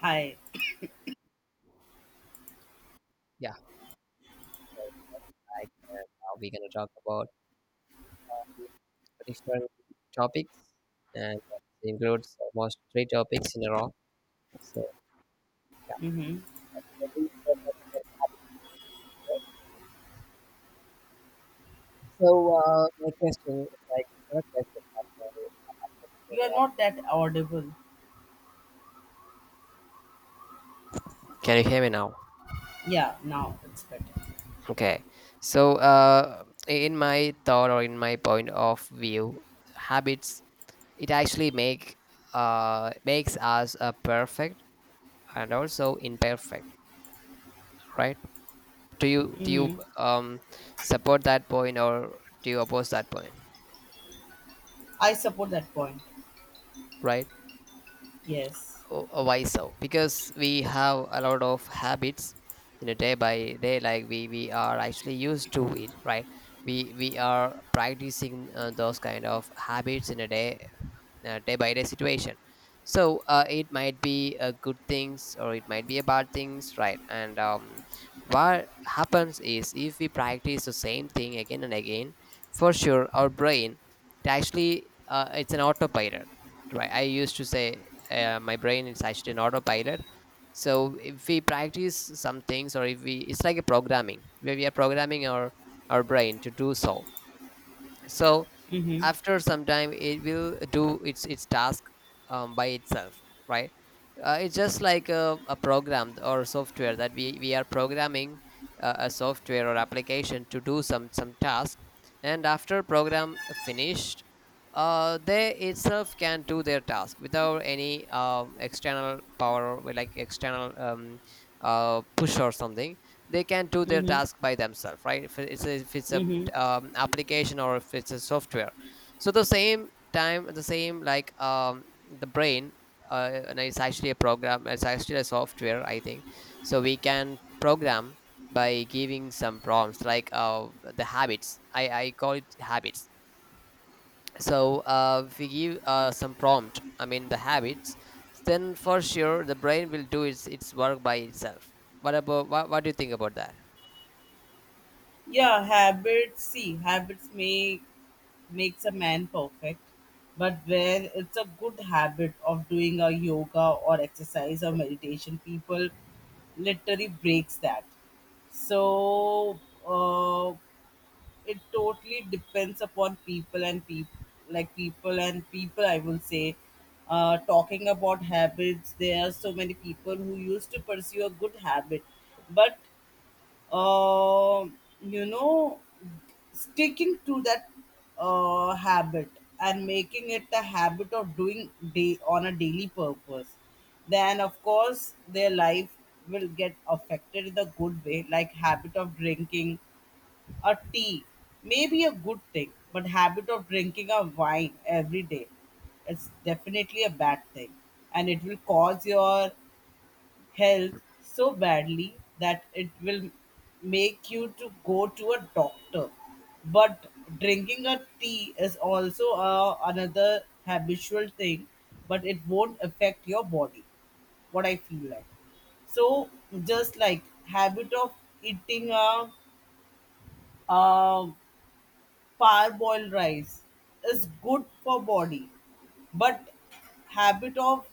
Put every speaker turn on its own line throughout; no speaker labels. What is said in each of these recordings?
Hi.
Yeah, so like we're gonna talk about different topics, and it includes almost three topics in a row. So yeah.
Mm-hmm.
So we will talk about habits first. So, my question is like it's not a question.
You are
but,
not that audible.
Can you hear me now?
Yeah, now it's better.
Okay. So in my thought or in my point of view, habits it actually makes us perfect and also imperfect, right? do you do you
Mm-hmm.
um support that point, or do you oppose that point,
I support that point.
right?
Yes.
Why so? Because we have a lot of habits, day by day, like we are actually used to it, right? We are practicing those kind of habits in a day, day by day situation. So it might be a good things or it might be a bad things, right? And what happens is if we practice the same thing again and again, for sure our brain, it actually it's an autopilot, right? I used to say, my brain is actually an autopilot. So if we practice some things, or if we it's like a programming where we are programming our brain to do so. So
Mm-hmm.
after some time, it will do its task by itself, right? It's just like a program or software that we are programming, a software or application to do some task. And after program finished, they itself can do their task without any external power, or like external push or something. They can do their
Mm-hmm.
task by themselves, right? if it's a, if it's a
Mm-hmm.
um, application, or if it's a software. So the same time, the same like the brain, and it's actually a program, it's actually a software, I think. So we can program by giving some prompts, like the habits. I call it habits. So we give some prompt, I mean, the habits, then for sure the brain will do its work by itself. What do you think about that?
Yeah, habits. See, habits may makes a man perfect, but where it's a good habit of doing a yoga or exercise or meditation, people literally breaks that. So, uh, it totally depends upon people and people like people and people I will say, talking about habits, there are so many people who used to pursue a good habit, but uh, you know sticking to that habit and making it a habit of doing day on a daily purpose, then of course their life will get affected in the good way, like habit of drinking a tea may be a good thing, but habit of drinking a wine every day, it's definitely a bad thing, and it will cause your health so badly that it will make you to go to a doctor. But drinking a tea is also a, another habitual thing, but it won't affect your body. What I feel like. So just like habit of eating a um Parboiled rice is good for body, but habit of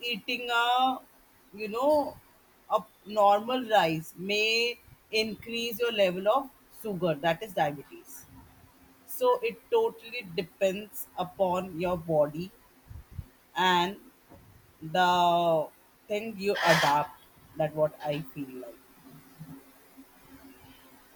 eating a you know a normal rice may increase your level of sugar, that is diabetes. So it totally depends upon your body and the thing you adapt. That what I feel like.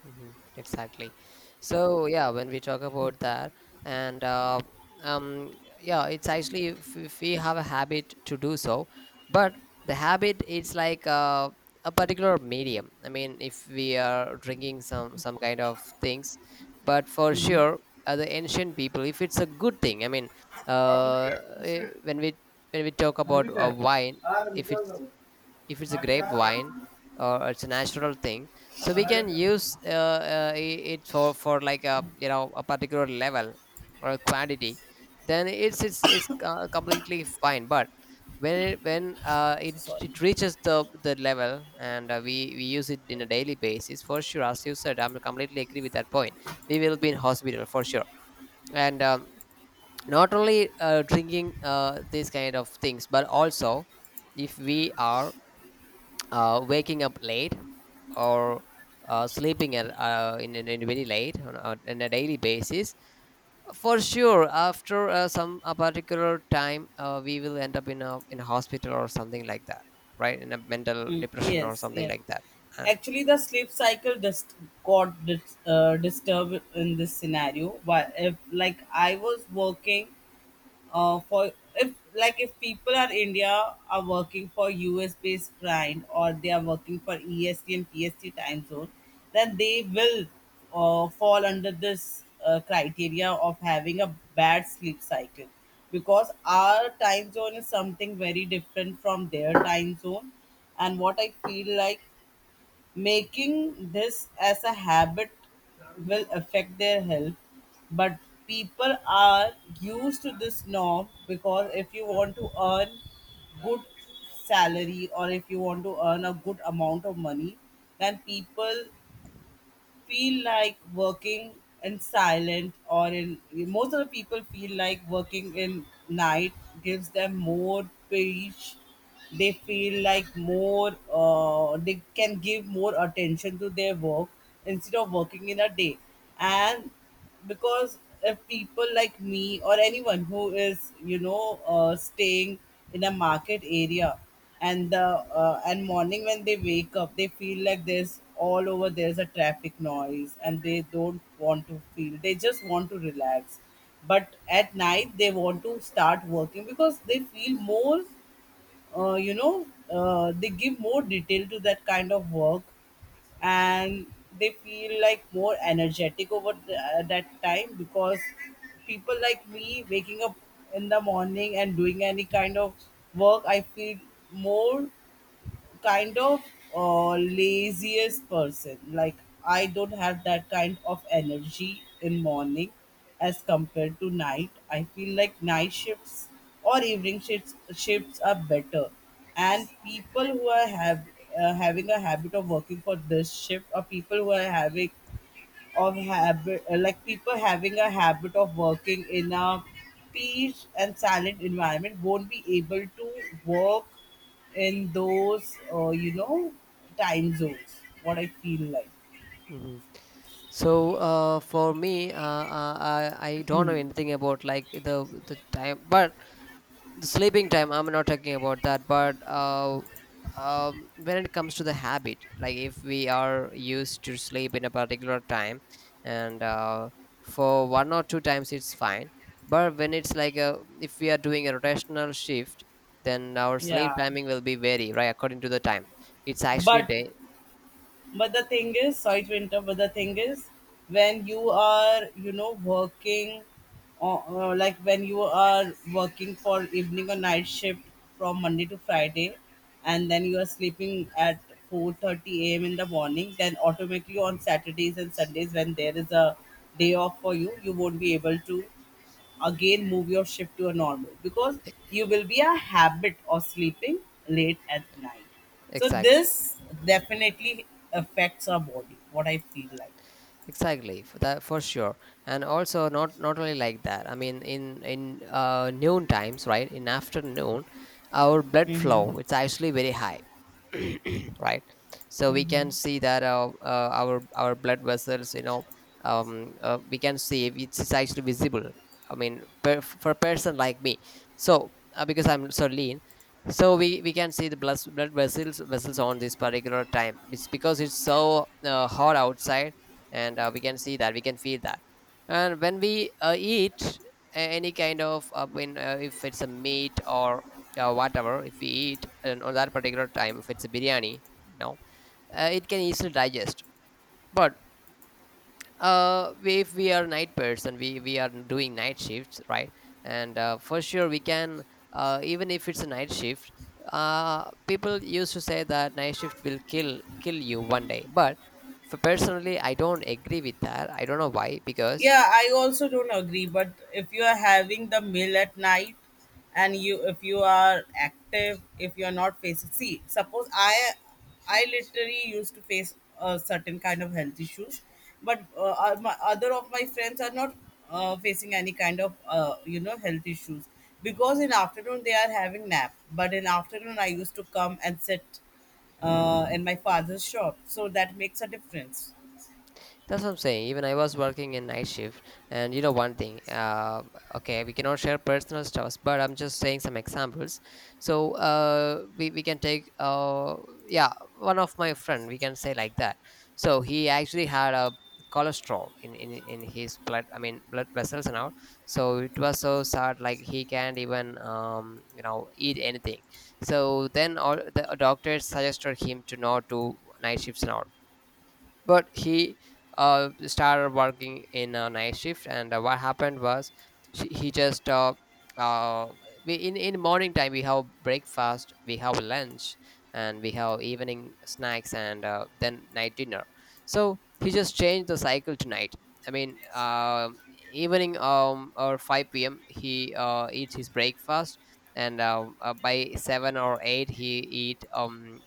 Mm-hmm. Exactly. So yeah, when we talk about that, and um, yeah, it's actually, if we have a habit to do so, but the habit is like a particular medium. I mean, if we are drinking some kind of things, but for
Mhm.
sure, the ancient people, if it's a good thing, I mean,
काफी
uh, when we talk about wine, if it's if it's a grapevine, or it's a natural thing, so we can
So
use it for like a, a particular level or a quantity, then it's completely fine. But when it, when uh, it
sorry.
it reaches the level, and we use it in a daily basis, for sure, as you said, I'm completely agree with that point. We will be in hospital for sure. And not only drinking these kind of things, but also, if we are waking up late, or sleeping in very late, on a daily basis, for sure after some a particular time, we will end up in a hospital or something like that, right? In a mental
Mm,
depression or
yes,
something
yeah.
like that. Uh,
Actually, the sleep cycle just got disturbed in this scenario. But if like I was working for, if like if people are India are working for US based client or they are working for EST and PST time zone, then they will fall under this criteria of having a bad sleep cycle, because our time zone is something very different from their time zone, and what I feel like, making this as a habit will affect their health, but people are used to this norm, because if you want to earn good salary or if you want to earn a good amount of money, then people feel like working in silent or in, most of the people feel like working in night gives them more peace. They feel like more, they can give more attention to their work instead of working in a day. And because if people like me or anyone who is, staying in a market area and the, and morning when they wake up, they feel like there's all over, there's a traffic noise and they don't want to feel, they just want to relax. But at night they want to start working because they feel more, uh, you know, they give more detail to that kind of work. And they feel like more energetic over the, that time, because people like me waking up in the morning and doing any kind of work, I feel more kind of laziest person. Like I don't have that kind of energy in morning as compared to night. I feel like night shifts or evening shifts are better. And people who are have having a habit of working for this shift, or people who are having of habit, like people having a habit of working in a peace and silent environment won't be able to work in those time zones, what I feel like.
hmm. So for me, I don't know anything about like the time, but the sleeping time. I'm not talking about that, but when it comes to the habit, like if we are used to sleep in a particular time, and for one or two times it's fine. But when it's like a if we are doing a rotational shift, then our sleep
Yeah,
timing will be vary right according to the time. It's actually
but
day.
But the thing is, sorry to interrupt, but the thing is, when you are, you know, working, or like when you are working for evening or night shift from Monday to Friday, and then you are sleeping at 4:30 a.m. in the morning, then automatically on Saturdays and Sundays, when there is a day off for you, you won't be able to again move your shift to a normal, because you will be a habit of sleeping late at night. So
Exactly.
this definitely affects our body, what I feel like.
Exactly, for that, for sure, and also not only like that. I mean, in noon times, right? In afternoon, our blood
Mm-hmm.
flow, it's actually very high, right? So we
Mm-hmm.
can see that, our blood vessels, we can see if it's actually visible. I mean, for a person like me, so because I'm so lean, so we can see the blood vessels on this particular time. It's because it's so hot outside, and we can see that, we can feel that. And when we eat any kind of, I mean, if it's a meat or whatever, if we eat. And on that particular time, if it's a biryani, no, it can easily digest. But if we are night person, we are doing night shifts, right? And for sure we can, even if it's a night shift, people used to say that night shift will kill you one day. But for personally, I don't agree with that. I don't know why, because.
Yeah, I also don't agree. But if you are having the meal at night, and you, if you are active, if you are not facing, see, suppose I literally used to face a certain kind of health issues, but my other of my friends are not facing any kind of health issues, because in afternoon they are having nap. But in afternoon I used to come and sit in
That's
my father's shop, so that makes a difference.
what I'm saying. Even I was working in night shift, and you know one thing. Okay, we cannot share personal stuffs, but I'm just saying some examples. So we can take, yeah, one of my friend we can say like that. So he actually had a cholesterol in in his blood. I mean, blood vessels and all. So it was so sad. Like, he can't even eat anything. So then all the doctors suggested him to not do night shifts and all, but he started working in a night shift. And what happened was, he just uh, we in morning time we have breakfast, we have lunch, and we have evening snacks, and then night dinner. So he just changed the cycle tonight, I mean, evening or 5 p.m he eats his breakfast, and by 7 or 8 he eat um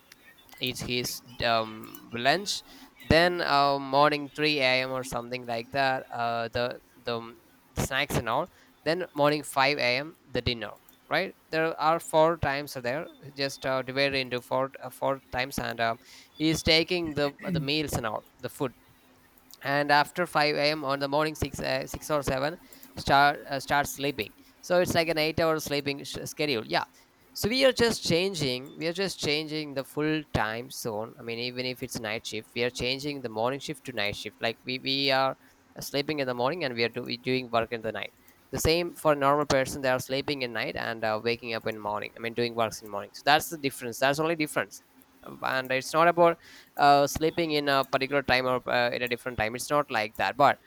eat his lunch, then morning 3 a.m or something like that, the snacks and all, then morning 5 a.m the dinner, right? There are four times are there, just divided into four times, and he is taking the meals and all the food. And after 5 a.m on the morning, 6, 6 or 7, start sleeping. So it's like an 8-hour sleeping schedule, yeah. So we are just changing the full time zone. I mean, even if it's night shift, we are changing the morning shift to night shift. Like, we are sleeping in the morning, and we doing work in the night. The same for a normal person, they are sleeping in night, and waking up in morning, I mean, doing works in morning. So that's the difference, that's only difference. And it's not about sleeping in a particular time, or in a different time. It's not like that, but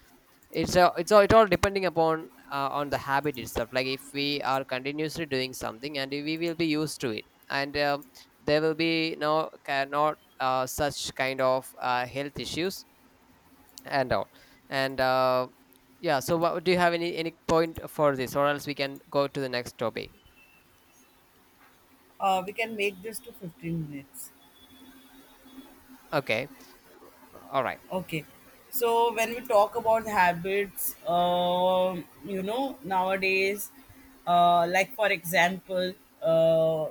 it all depending upon, on the habit itself. Like, if we are continuously doing something, and we will be used to it, and there will be no not such kind of health issues and all. And yeah, so, do you have any point for this, or else we can go to the next topic?
We can make this to 15 minutes.
Okay, all right.
Okay. So when we talk about habits, you know, nowadays, like for example, uh,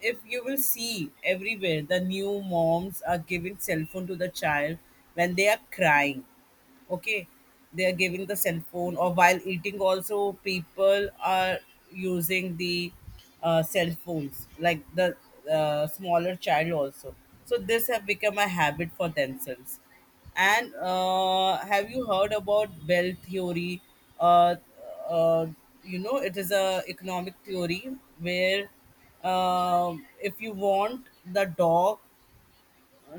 if you will see everywhere, the new moms are giving cell phone to the child when they are crying. Okay, they are giving the cell phone, or while eating also people are using the cell phones, like the smaller child also. So this have become a habit for themselves. And have you heard about Bell theory? uh, uh, you know, it is a economic theory where, if you want the dog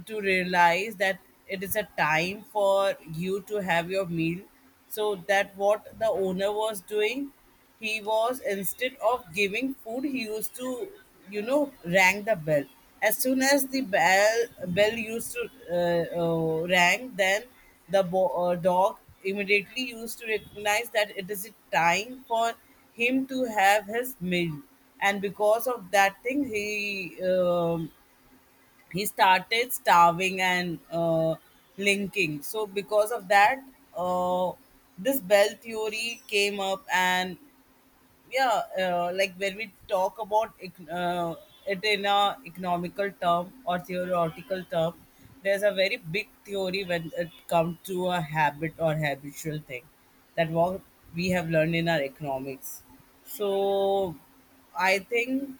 to realize that it is a time for you to have your meal, so that what the owner was doing, he was, instead of giving food, he used to, you know, rang the bell. As soon as the bell used to rang, then the dog immediately used to recognize that it is a time for him to have his meal. And because of that thing, he started starving and linking. So because of that, uh, this Bell theory came up. And yeah, like when we talk about it in a economical term or theoretical term, there's a very big theory when it comes to a habit or habitual thing, that what we have learned in our economics. So I think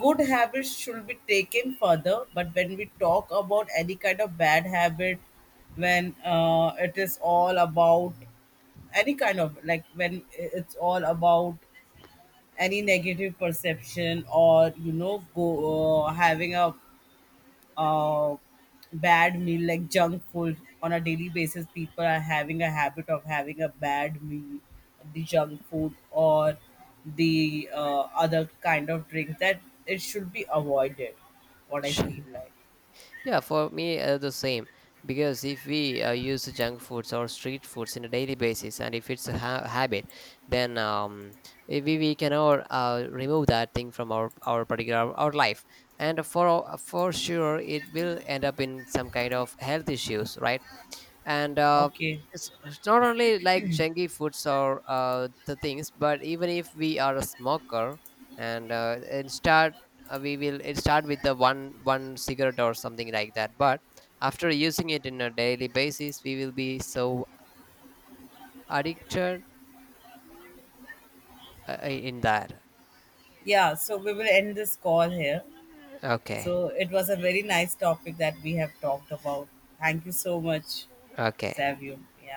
good habits should be taken further, but when we talk about any kind of bad habit, when it is all about any kind of, like when it's all about any negative perception, or you know, go having a uh, bad meal like junk food on a daily basis, people are having a habit of having a bad meal, the junk food or the other kind of drink, that it should be avoided, what I feel like.
Yeah, for me, the same. Because if we use junk foods or street foods in a daily basis, and if it's a habit, then, we cannot remove that thing from our particular our life. And for for sure, it will end up in some kind of health issues, right? And
Okay,
it's not only like junky foods or, the things, but even if we are a smoker, and start we will it start with the one cigarette or something like that, but after using it in a daily basis we will be so addicted, in that.
yeah, so we will end this call here.
Okay,
So it was a very nice topic that we have talked about. Thank you so much,
okay.
Savio. Yeah.